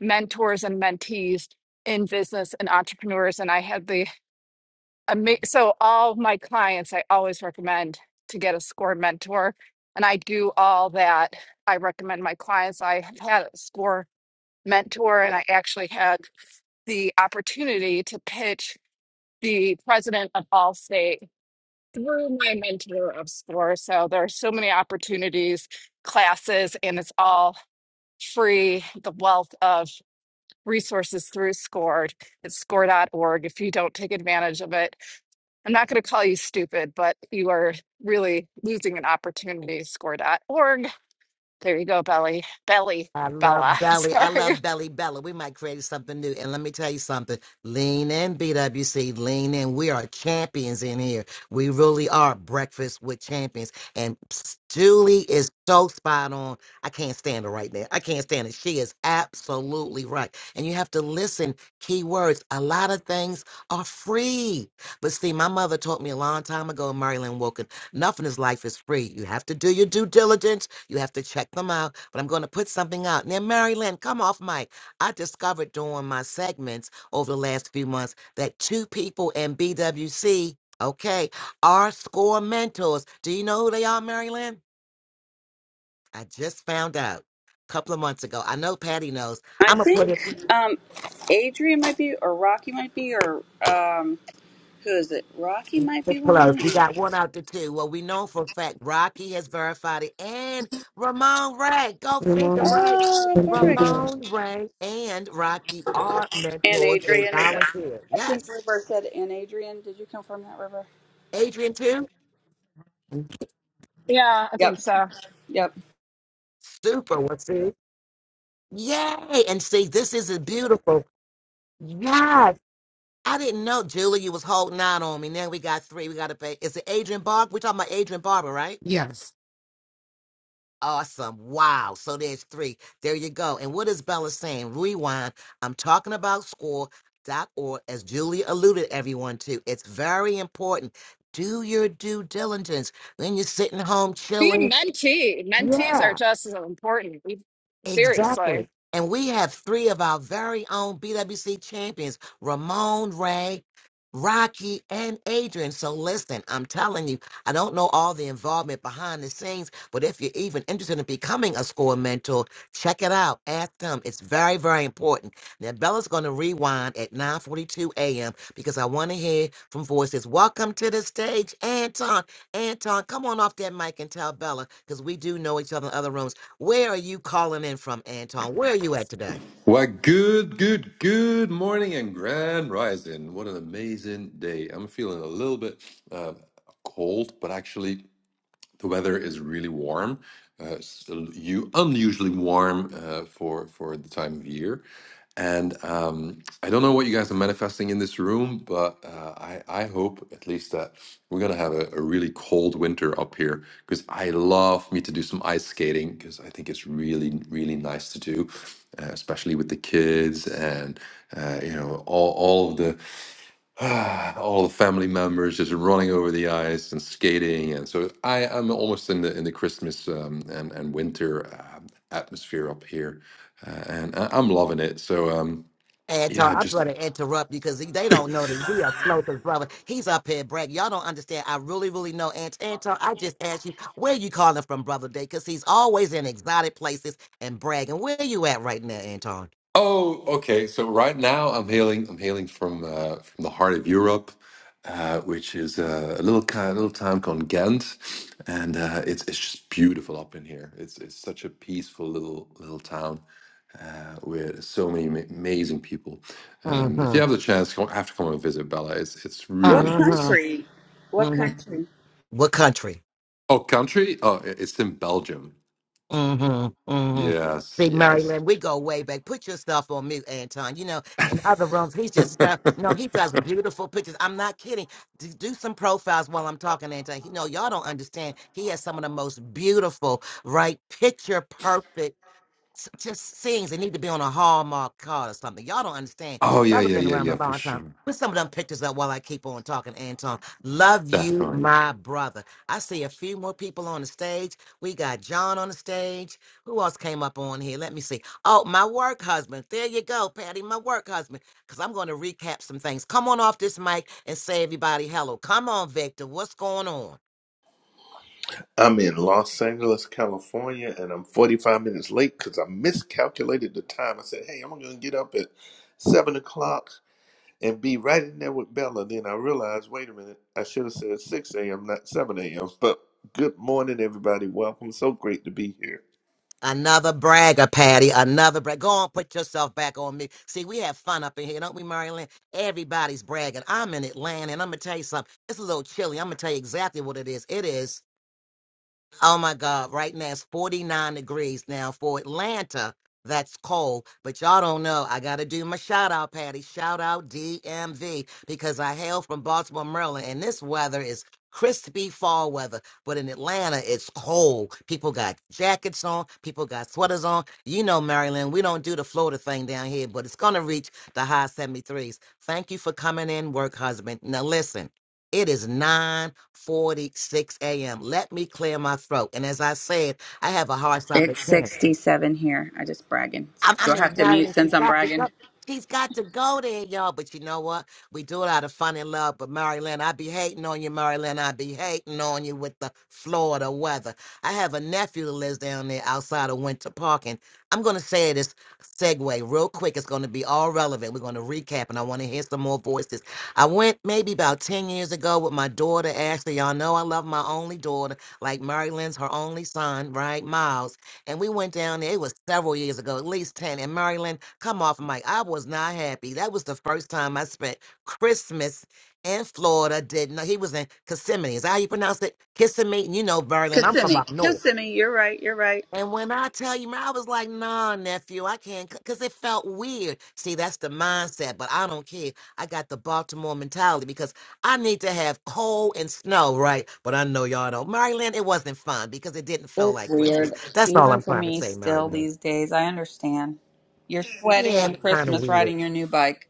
mentors and mentees in business and entrepreneurs. And I had the I so all my clients I always recommend to get a score mentor and I do all that. I recommend my clients I have had a score mentor and I actually had the opportunity to pitch the president of Allstate through my mentor of score. So there are so many opportunities, classes and it's all free the wealth of resources through SCORE. it's score.org if you don't take advantage of it I'm not going to call you stupid, but you are really losing an opportunity to score dot org. There you go, Belly. Belly,
I love
Bella. (laughs)
Belly. I
Sorry.
love Belly Bella. We might create something new. And let me tell you something. Lean in, BWC. Lean in. We are champions in here. We really are breakfast with champions. And ps- Julie is so spot on. I can't stand her right now. I can't stand it. She is absolutely right. And you have to listen. Key words. A lot of things are free. But see, my mother taught me a long time ago, Marilyn Wilkin. Nothing in this life is free. You have to do your due diligence. You have to check them out. But I'm going to put something out. Now, Mary Lynn, come off mic. I discovered during my segments over the last few months that two people in BWC, okay, are score mentors. Do you know who they are, Mary Lynn? I just found out a couple of months ago. I know Patty knows.
I
I'm going to put it.
think um, Adrian might be, or Rocky might be, or um, who is it? Rocky might
We're
be
close.
one.
You got one out to two. Well, we know for a fact Rocky has verified it. And Ramon Ray. Go
Good
figure,
morning.
right?
Oh,
Thank you,
perfect.
Adrian.
Ramon Ray and Rocky are
And
mentors. They
Adrian. Is that,
volunteer.
I think
Yes.
River said and Adrian. Did you confirm that, River?
Adrian, too?
Yeah, I think
Yep.
so.
Yep.
Super. Well, see? Yay. And see, this is a beautiful. Yes. I didn't know, Julie, you was holding out on me. Now we got three. We got to pay. Is it Adrian Barber? We're talking about Adrian Barber, right?
Yes.
Awesome. Wow. So there's three. There you go. And what is Bella saying? Rewind. I'm talking about score.org, as Julie alluded everyone to. It's very important. Do your due diligence when you're sitting home
Be a
chilling.
mentee. Mentees
Yeah.
are just as important. We- Seriously.
Exactly. And we have three of our very own BWC champions, Ramon Ray, Rocky, and Adrian. So listen, I'm telling you, I don't know all the involvement behind the scenes, but if you're even interested in becoming a school mentor, check it out. Ask them. It's very, very important. Now Bella's gonna rewind at 9:42 a.m. because I want to hear from voices. Welcome to the stage, Anton. Anton, come on off that mic and tell Bella, because we do know each other in other rooms. Where are you calling in from, Anton? Where are you at today?
Why, good, good, good morning and grand rising. What an amazing day. I'm feeling a little bit uh, cold, but actually the weather is really warm, uh, so you unusually warm uh, for for the time of year. And um, I don't know what you guys are manifesting in this room, but uh, I, I hope at least that we're gonna have a, a really cold winter up here because I love me to do some ice skating because I think it's really really nice to do, uh, especially with the kids and uh, you know all all of the (sighs) Ah, all the family members just running over the ice and skating, and so I am almost in the in the Christmas um, and and winter uh, atmosphere up here, uh, and I, I'm loving it. So um,
Anton,
yeah,
I'm
just
going to interrupt you because they don't know that we are close as brother. He's up here bragging. Y'all don't understand. I really, really know Ant- Anton. I just asked you, where you calling from, brother Day? Because he's always in exotic places and bragging. Where you at right now, Anton?
Oh, okay. So right now I'm hailing. I'm hailing from uh, from the heart of Europe, uh, which is uh, a little kind, little town called Ghent, and uh, it's it's just beautiful up in here. It's it's such a peaceful little little town uh, with so many ma- amazing people. Um, if you
Mm-hmm.
have the chance, come, have to come and visit Bella. It's it's
What
really
Mm-hmm.
nice.
country? What
Mm-hmm.
country?
What country?
Oh, country? Oh, i- it's in Belgium.
Mm-hmm. Mm-hmm.
Yes,
Big
yes.
Maryland, we go way back. Put your stuff on mute, Anton. You know, in the other rooms, he's
(laughs)
just found, no, he does beautiful pictures. I'm not kidding. Do, do some profiles while I'm talking, Anton. You know, y'all don't understand. He has some of the most beautiful, right? Picture perfect s- just sings. They need to be on a Hallmark card or something. Y'all don't understand.
oh yeah,
i have
yeah,
been
yeah,
around a
yeah, for
long time.
sure,
Put some of them pictures up while I keep on talking, Anton. Love you,
definitely.
my brother. I see a few more people on the stage. We got John on the stage. Who else came up on here? Let me see. Oh, my work husband. There you go, Patty, my work husband. Because I'm going to recap some things. Come on off this mic and say, everybody, hello. Come on, Victor. What's going on?
I'm in Los Angeles, California, and I'm 45 minutes late because I miscalculated the time. I said, hey, I'm going to get up at 7 o'clock and be right in there with Bella. Then I realized, wait a minute, I should have said 6 a.m., not 7 a.m. But good morning, everybody. Welcome. So great to be here.
Another bragger, Patty. Another brag. Go on, put yourself back on me. See, we have fun up in here, don't we, Marilyn? Everybody's bragging. I'm in Atlanta, and I'm gonna tell you something. It's a little chilly. I'm gonna tell you exactly what it is. It is. Oh my God, right now it's 49 degrees now for Atlanta. That's cold, but y'all don't know. I got to do my shout out, Patty. Shout out DMV because I hail from Baltimore, Maryland, and this weather is crispy fall weather. But in Atlanta, it's cold. People got jackets on, people got sweaters on. You know, Maryland, we don't do the Florida thing down here, but it's going to reach the high 73s. Thank you for coming in, work husband. Now, listen. It is 9:46 a.m. Let me clear my throat. And as I said, I have a hard stop
It's
at 10.
67 here. I just bragging.
I'm,
Do
I'm
I have to mute
ignoring.
since
She's
I'm
got to
bragging?
go. She's got to go there, y'all. But you know what? We do it out of fun and love. But Maryland, I be hating on you, Maryland. I be hating on you with the Florida weather. I have a nephew that lives down there outside of Winter Park, and I'm gonna say this segue real quick. It's gonna be all relevant. We're gonna recap, and I want to hear some more voices. I went maybe about ten years ago with my daughter Ashley. Y'all know I love my only daughter, like Maryland's her only son, right, Miles. And we went down there, it was several years ago, at least 10 in Maryland. Come off, Mike. I was not happy. That was the first time I spent Christmas in Florida. Did not he was in Kissimmee. Is that how you pronounce it? Kissimmee. And You know, Maryland. I'm from
Kissimmee.
up north.
Kissimmee. You're right. You're right.
And when I tell you, man, I was like, nah, nephew, I can't, because it felt weird. See, that's the mindset, but I don't care. I got the Baltimore mentality because I need to have cold and snow, right? But I know y'all don't. Maryland, it wasn't fun because it didn't feel
It's
like Christmas.
weird,
That's all
even
I'm
for
trying to
me
say,
still
Maryland.
these days. I understand. You're sweating
Yeah, it
on
was kind of
Christmas
weird.
riding your new bike.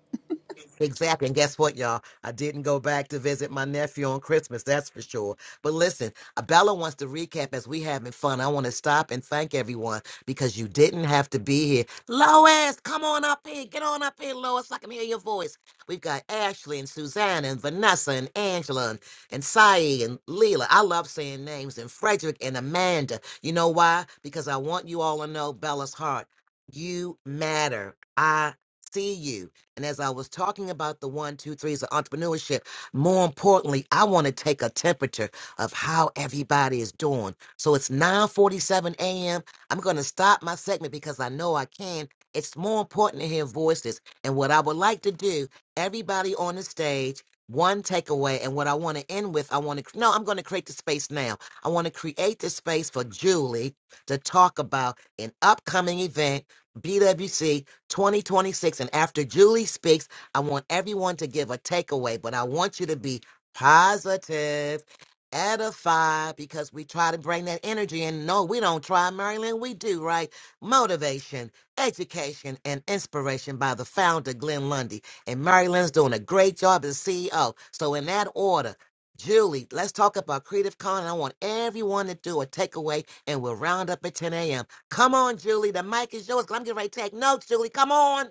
Exactly. And guess what, y'all? I didn't go back to visit my nephew on Christmas, that's for sure. But listen, uh, Bella wants to recap as we having fun. I want to stop and thank everyone because you didn't have to be here. Lois, come on up here. Get on up here, Lois. I can hear your voice. We've got Ashley and Suzanne and Vanessa and Angela and, and Sae and Leela. I love saying names and Frederick and Amanda. You know why? Because I want you all to know Bella's heart. You matter. I see you. And as I was talking about the one, two, threes of entrepreneurship, more importantly, I want to take a temperature of how everybody is doing. So it's 9:47 a.m. I'm going to stop my segment because I know I can. It's more important to hear voices. And what I would like to do, everybody on the stage, one takeaway, and what I want to end with, I want to no, I'm going to create the space now. I want to create the space for Julie to talk about an upcoming event, BWC, 2026. And after Julie speaks, I want everyone to give a takeaway, but I want you to be positive, edify, because we try to bring that energy in. No, we don't try, Marilyn. We do, right? Motivation, education, and inspiration by the founder, Glenn Lundy. And Marilyn's doing a great job as CEO. So, in that order, Julie, let's talk about Creative Con. and I want everyone to do a takeaway, and we'll round up at 10 a.m. Come on, Julie. The mic is yours. 'cause I'm getting ready to take notes, Julie. Come on.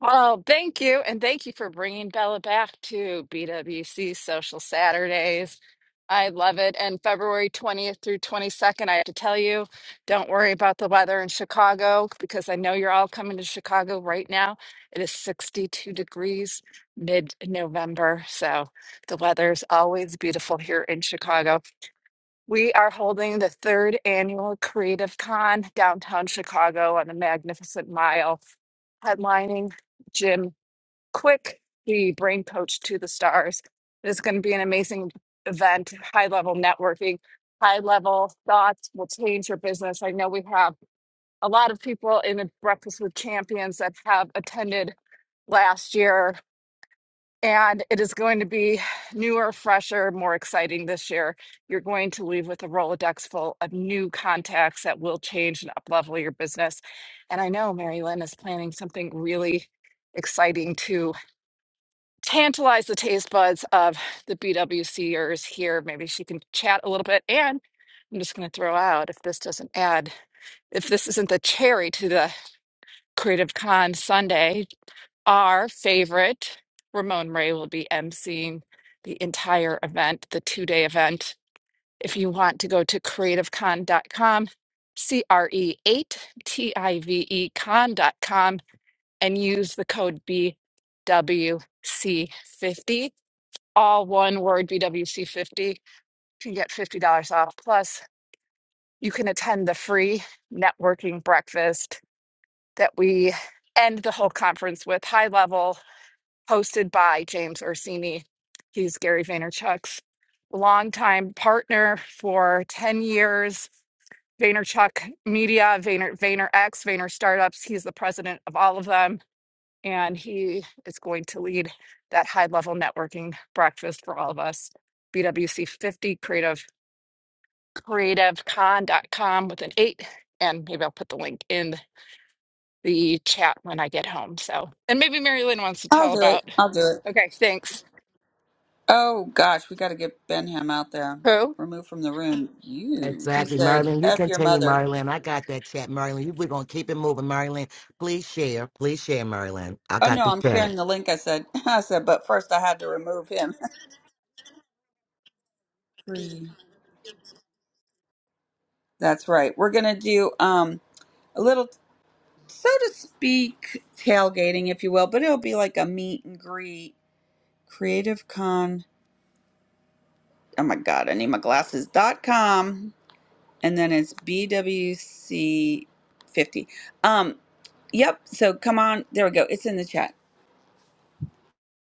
Well, thank you. And thank you for bringing Bella back to BWC Social Saturdays. I love it. And February 20th through 22nd, I have to tell you, don't worry about the weather in Chicago because I know you're all coming to Chicago right now. It is 62 degrees mid November. So the weather's always beautiful here in Chicago. We are holding the third annual Creative Con downtown Chicago on the Magnificent Mile, headlining Jim Quick, the brain coach to the stars. It's going to be an amazing event, high level networking, high level thoughts will change your business. I know we have a lot of people in the Breakfast with Champions that have attended last year and it is going to be newer, fresher, more exciting this year. You're going to leave with a Rolodex full of new contacts that will change and uplevel your business. And I know Mary Lynn is planning something really exciting to tantalize the taste buds of the BWCers here. Maybe she can chat a little bit. And I'm just going to throw out if this doesn't add, if this isn't the cherry to the Creative Con Sunday, our favorite, Ramon Ray, will be emceeing the entire event, the two day event. If you want to go to creative con dot com, C R E 8 T I V E con dot com, and use the code BWC50, all one word BWC50. You can get $50 off. Plus, you can attend the free networking breakfast that we end the whole conference with high level hosted by James Orsini. He's Gary Vaynerchuk's longtime partner for 10 years. Vaynerchuk Media, Vayner, VaynerX, Vayner Startups. He's the president of all of them. And he is going to lead that high level networking breakfast for all of us. BWC50 creative creativecon.com with an eight. And maybe I'll put the link in the chat when I get home. So, and maybe Mary Lynn wants to
I'll
tell
do it.
about.
I'll do it.
Okay, thanks.
Oh gosh, we got to get Benham out there.
Who?
Removed from the room. You. He
Exactly,
said,
Marilyn. You
F your
continue,
mother.
Marilyn. I got that chat, Marilyn. You- We're going to keep it moving, Marilyn. Please share. Please share, Marilyn. I
Oh
got
no,
the
I'm
chat.
sharing the link. I said, (laughs) I said, but first I had to remove him. (laughs) Free. That's right. We're going to do um a little, so to speak, tailgating, if you will, but it'll be like a meet and greet Creative Con. Oh my God, I need my glasses. Dot com, and then it's BWC fifty. Um, yep. So come on, there we go. It's in the chat.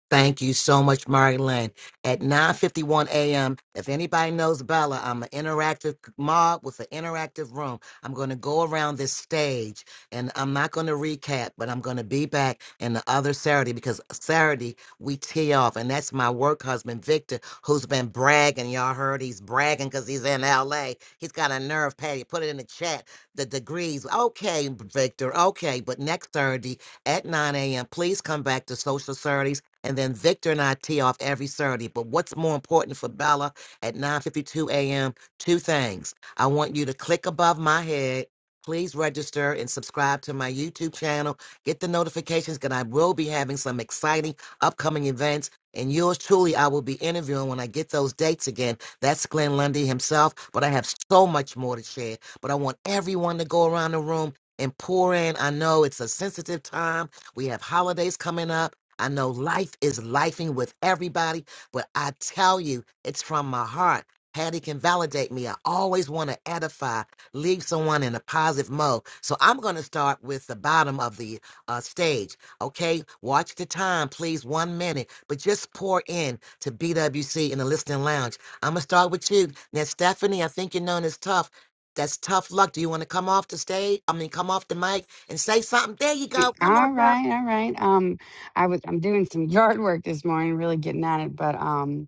Thank you so much, Mary Lynn. At 9.51 a.m., if anybody knows Bella, I'm an interactive mob with an interactive room. I'm going to go around this stage, and I'm not going to recap, but I'm going to be back in the other Saturday because Saturday we tee off, and that's my work husband, Victor, who's been bragging. Y'all heard he's bragging because he's in L.A. He's got a nerve, Patty. Put it in the chat, the degrees. Okay, Victor, okay. But next Saturday at 9 a.m., please come back to Social Saturdays and then Victor and I tee off every Saturday. But what's more important for Bella at 9:52 a.m.? Two things. I want you to click above my head. Please register and subscribe to my YouTube channel. Get the notifications because I will be having some exciting upcoming events. And yours truly, I will be interviewing when I get those dates again. That's Glenn Lundy himself. But I have so much more to share. But I want everyone to go around the room and pour in. I know it's a sensitive time. We have holidays coming up. I know life is lifing with everybody, but I tell you, it's from my heart. Patty can validate me. I always want to edify, leave someone in a positive mode. So I'm going to start with the bottom of the uh, stage. Okay, watch the time, please, one minute, but just pour in to BWC in the listening lounge. I'm going to start with you. Now, Stephanie, I think you're known as tough. That's tough luck. Do you want to come off the stage? I mean, come off the mic and say something. There you go. Come on,
All
Tough.
right, all right. Um, I was I'm doing some (laughs) yard work this morning, really getting at it, but um,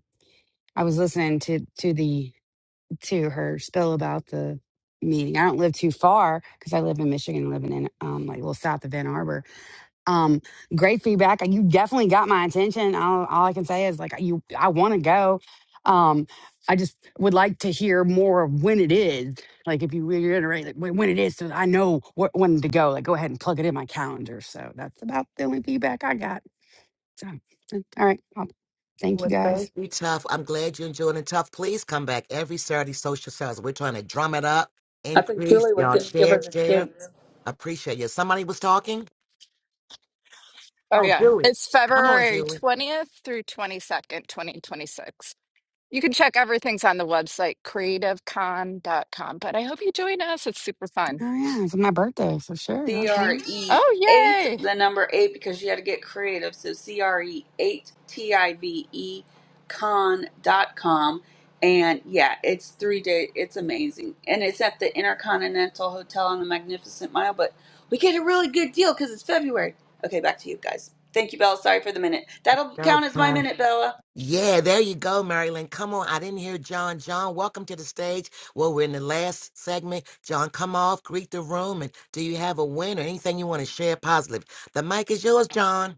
I was listening to to the to her spill about the meeting. I don't live too far because I live in Michigan, living in um like a little south of Ann Arbor. Um, great feedback. You definitely got my attention. All, all I can say is like you, I want to go. Um, I just would like to hear more of when it is. Like if you reiterate like when when it is, so I know wh- when to go. Like go ahead and plug it in my calendar. So that's about the only feedback I got. So all right, I'll, thank you
Well,
guys.
thank you, Tough. I'm glad you're enjoying it, Tough. Please come back every Saturday, social sales. We're trying to drum it up,
I think
increase.
Julie was
Y'all
going to give
share,
her the
share.
date.
Appreciate you. Somebody was talking.
Oh
Oh,
yeah,
Julie.
it's
Come on,
February
Julie.
20th through 22nd, 2026. You can check everything's on the website creative con dot com. but I hope you join us. It's super fun.
Oh yeah, it's my birthday, for sure.
C
Okay.
R E
Oh,
eight,
yay.
the number eight, because you got to get creative. So C R E eight T I V E con dot com, and yeah, it's three day. It's amazing, and it's at the Intercontinental Hotel on the Magnificent Mile. But we get a really good deal because it's February. Okay, back to you guys. Thank you, Bella. Sorry for the minute. That'll
No
count as my
problem.
minute, Bella.
Yeah, there you go, Marilyn. Come on. I didn't hear John. John, welcome to the stage. Well, we're in the last segment. John, come off, greet the room, and do you have a win or anything you want to share positive? The mic is yours, John.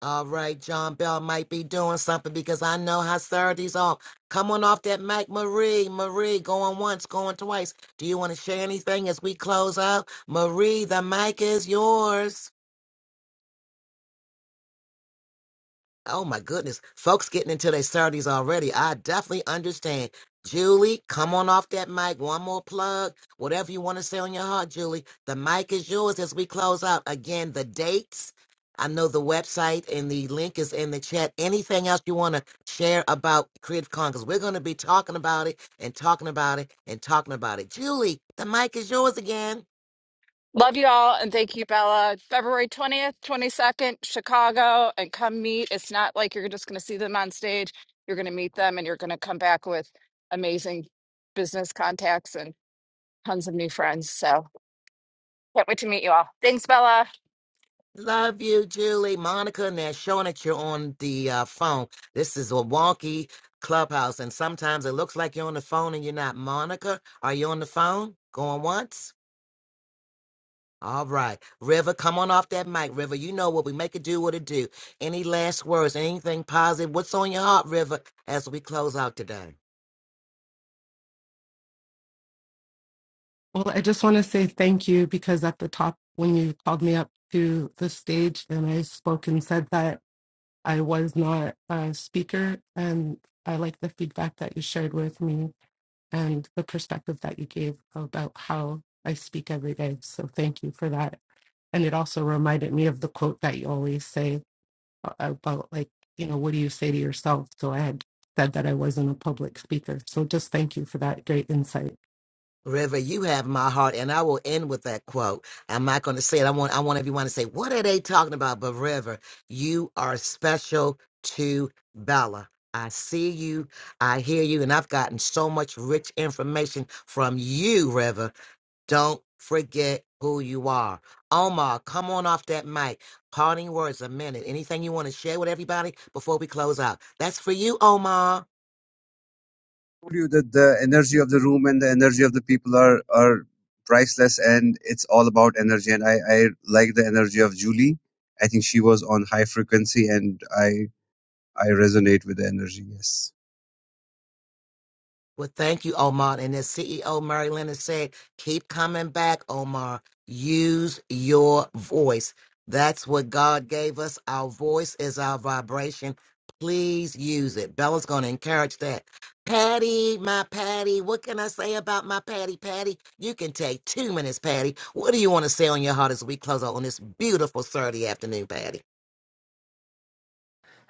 All right, John Bell might be doing something because I know how Saturday's off. Come on off that mic, Marie. Marie, going once, going twice. Do you want to share anything as we close out? Marie, the mic is yours. Oh my goodness. Folks getting into their 30s already. I definitely understand. Julie, come on off that mic. One more plug. Whatever you want to say on your heart, Julie. The mic is yours as we close out. Again, the dates. I know the website and the link is in the chat. Anything else you want to share about Creative Con? Because we're going to be talking about it and talking about it and talking about it. Julie, the mic is yours again.
Love you all and thank you, Bella. February 20th, 22nd, Chicago, and come meet. It's not like you're just going to see them on stage. You're going to meet them and you're going to come back with amazing business contacts and tons of new friends. So, can't wait to meet you all. Thanks, Bella.
Love you, Julie, Monica, and they're showing that you're on the uh, phone. This is a wonky clubhouse, and sometimes it looks like you're on the phone and you're not. Monica, are you on the phone? Going once? All right. River, come on off that mic. River, you know what we make it do, what it do. Any last words, anything positive? What's on your heart, River, as we close out today?
Well, I just want to say thank you because at the top, when you called me up to the stage and I spoke and said that I was not a speaker, and I like the feedback that you shared with me and the perspective that you gave about how I speak every day. So thank you for that. And it also reminded me of the quote that you always say about, like, you know, what do you say to yourself? So I had said that I wasn't a public speaker. So just thank you for that great insight.
River, you have my heart, and I will end with that quote. I'm not going to say it. I want I want everyone to say, "What are they talking about?" But River, you are special to Bella. I see you, I hear you, and I've gotten so much rich information from you, River. Don't forget who you are. Omar, come on off that mic. Parting words, a minute. Anything you want to share with everybody before we close out? That's for you, Omar.
told you that the energy of the room and the energy of the people are are priceless, and it's all about energy. And I I like the energy of Julie. I think she was on high frequency, and I I resonate with the energy. Yes.
Well, thank you, Omar. And as CEO Mary Lynn has said, keep coming back, Omar. Use your voice. That's what God gave us. Our voice is our vibration. Please use it. Bella's going to encourage that. Patty, my Patty, what can I say about my Patty? Patty, you can take two minutes, Patty. What do you want to say on your heart as we close out on this beautiful Saturday afternoon, Patty?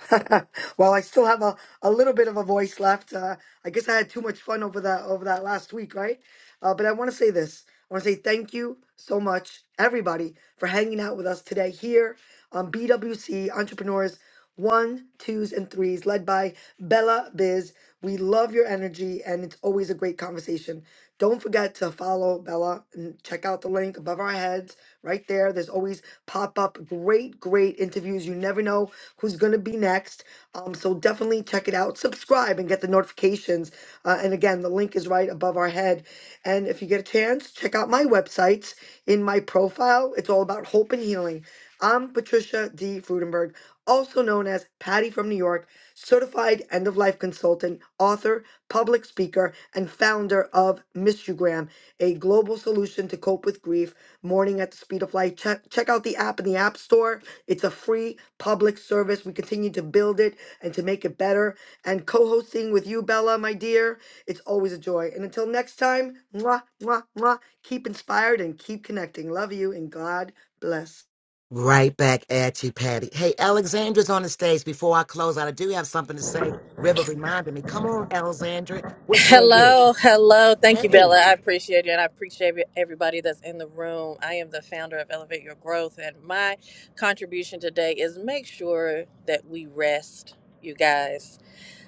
(laughs) well, I still have a, a little bit of a voice left. Uh, I guess I had too much fun over that over that last week, right? Uh, but I want to say this. I want to say thank you so much, everybody, for hanging out with us today here on BWC Entrepreneurs One, Twos, and Threes, led by Bella Biz. We love your energy, and it's always a great conversation. Don't forget to follow Bella and check out the link above our heads right there. There's always pop up great, great interviews. You never know who's going to be next. Um, so definitely check it out. Subscribe and get the notifications. Uh, and again, the link is right above our head. And if you get a chance, check out my websites in my profile. It's all about hope and healing. I'm Patricia D. Frudenberg, also known as Patty from New York, certified end of life consultant, author, public speaker, and founder of Mistugram, a global solution to cope with grief, mourning at the speed of light. Check, check out the app in the App Store. It's a free public service. We continue to build it and to make it better. And co hosting with you, Bella, my dear, it's always a joy. And until next time, mwah, mwah, mwah, keep inspired and keep connecting. Love you and God bless.
Right back at you, Patty. Hey, Alexandra's on the stage. Before I close out, I do have something to say. River reminded me. Come on, Alexandra. What say you?
Hello, hello. Thank you,
Hey.
Bella. I appreciate you, and I appreciate everybody that's in the room. I am the founder of Elevate Your Growth, and my contribution today is make sure that we rest, you guys.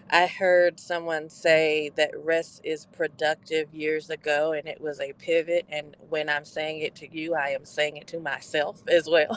I heard someone say that rest is productive years ago, and it was a pivot. And when I'm saying it to you, I am saying it to myself as well.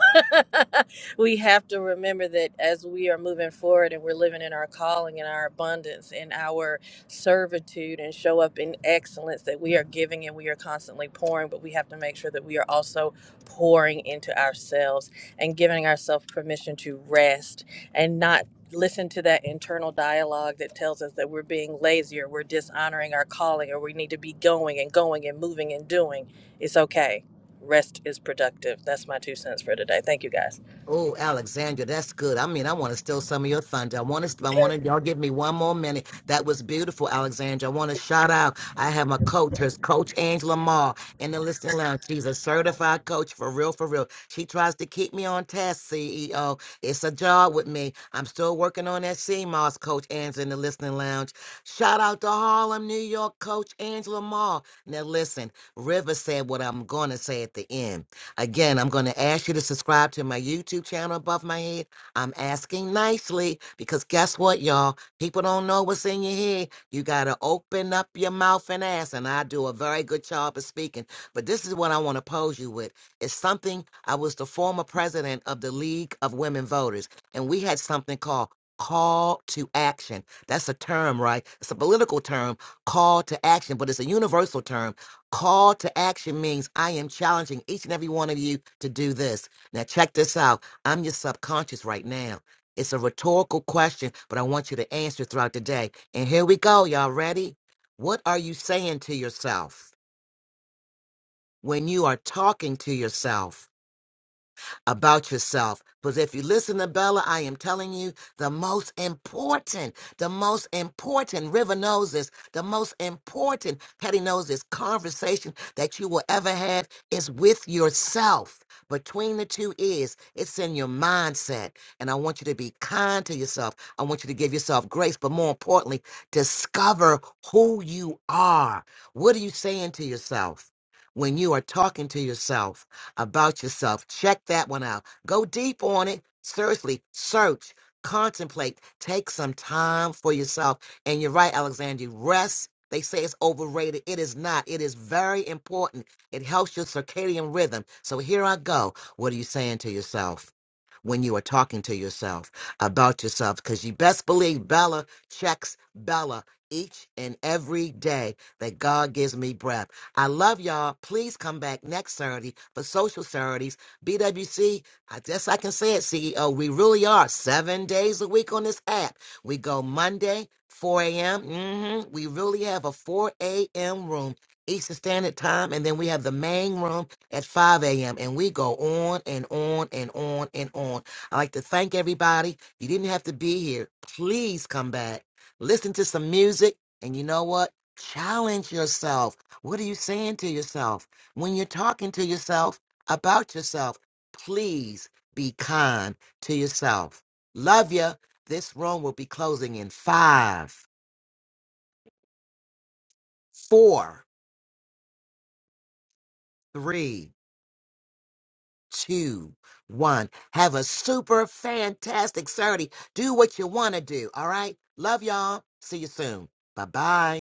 (laughs) we have to remember that as we are moving forward and we're living in our calling and our abundance and our servitude and show up in excellence that we are giving and we are constantly pouring, but we have to make sure that we are also pouring into ourselves and giving ourselves permission to rest and not listen to that internal dialogue that tells us that we're being lazy or we're dishonoring our calling or we need to be going and going and moving and doing, it's okay. Rest is productive. That's my two cents for today. Thank you guys.
Oh, Alexandra, that's good. I mean, I want to steal some of your thunder. I want to, I want to, y'all give me one more minute. That was beautiful, Alexandra. I want to shout out. I have my coach, her coach Angela Maher in the listening lounge. She's a certified coach for real, for real. She tries to keep me on task, CEO. It's a job with me. I'm still working on that CMOS, Coach Angela in the listening lounge. Shout out to Harlem, New York, Coach Angela Maher. Now, listen, River said what I'm going to say at the end. Again, I'm going to ask you to subscribe to my YouTube channel above my head. I'm asking nicely because guess what, y'all? People don't know what's in your head. You got to open up your mouth and ask. And I do a very good job of speaking. But this is what I want to pose you with. It's something I was the former president of the League of Women Voters, and we had something called call to action. That's a term, right? It's a political term, call to action, but it's a universal term Call to action means I am challenging each and every one of you to do this. Now, check this out. I'm your subconscious right now. It's a rhetorical question, but I want you to answer throughout the day. And here we go. Y'all ready? What are you saying to yourself when you are talking to yourself? about yourself. Because if you listen to Bella, I am telling you the most important, the most important, River knows this, the most important, Patty knows this conversation that you will ever have is with yourself. Between the two is, it's in your mindset. And I want you to be kind to yourself. I want you to give yourself grace, but more importantly, discover who you are. What are you saying to yourself when you are talking to yourself? about yourself. Check that one out. Go deep on it. Seriously, search, contemplate, take some time for yourself. And you're right, Alexandria, rest. They say it's overrated. It is not. It is very important. It helps your circadian rhythm. So here I go. What are you saying to yourself when you are talking to yourself about yourself? Because you best believe Bella checks Bella each and every day that God gives me breath. I love y'all. Please come back next Saturday for Social Saturdays. BWC, I guess I can say it, CEO. We really are seven days a week on this app. We go Monday, 4 a.m. hmm We really have a 4 a.m. room. Eastern Standard Time, and then we have the main room at 5 a.m. And we go on and on and on and on. I like to thank everybody. You didn't have to be here. Please come back, listen to some music, and you know what? Challenge yourself. What are you saying to yourself? When you're talking to yourself about yourself, please be kind to yourself. Love you. This room will be closing in five, four, three, two, one. Have a super fantastic Saturday. Do what you want to do. All right. Love y'all. See you soon. Bye bye.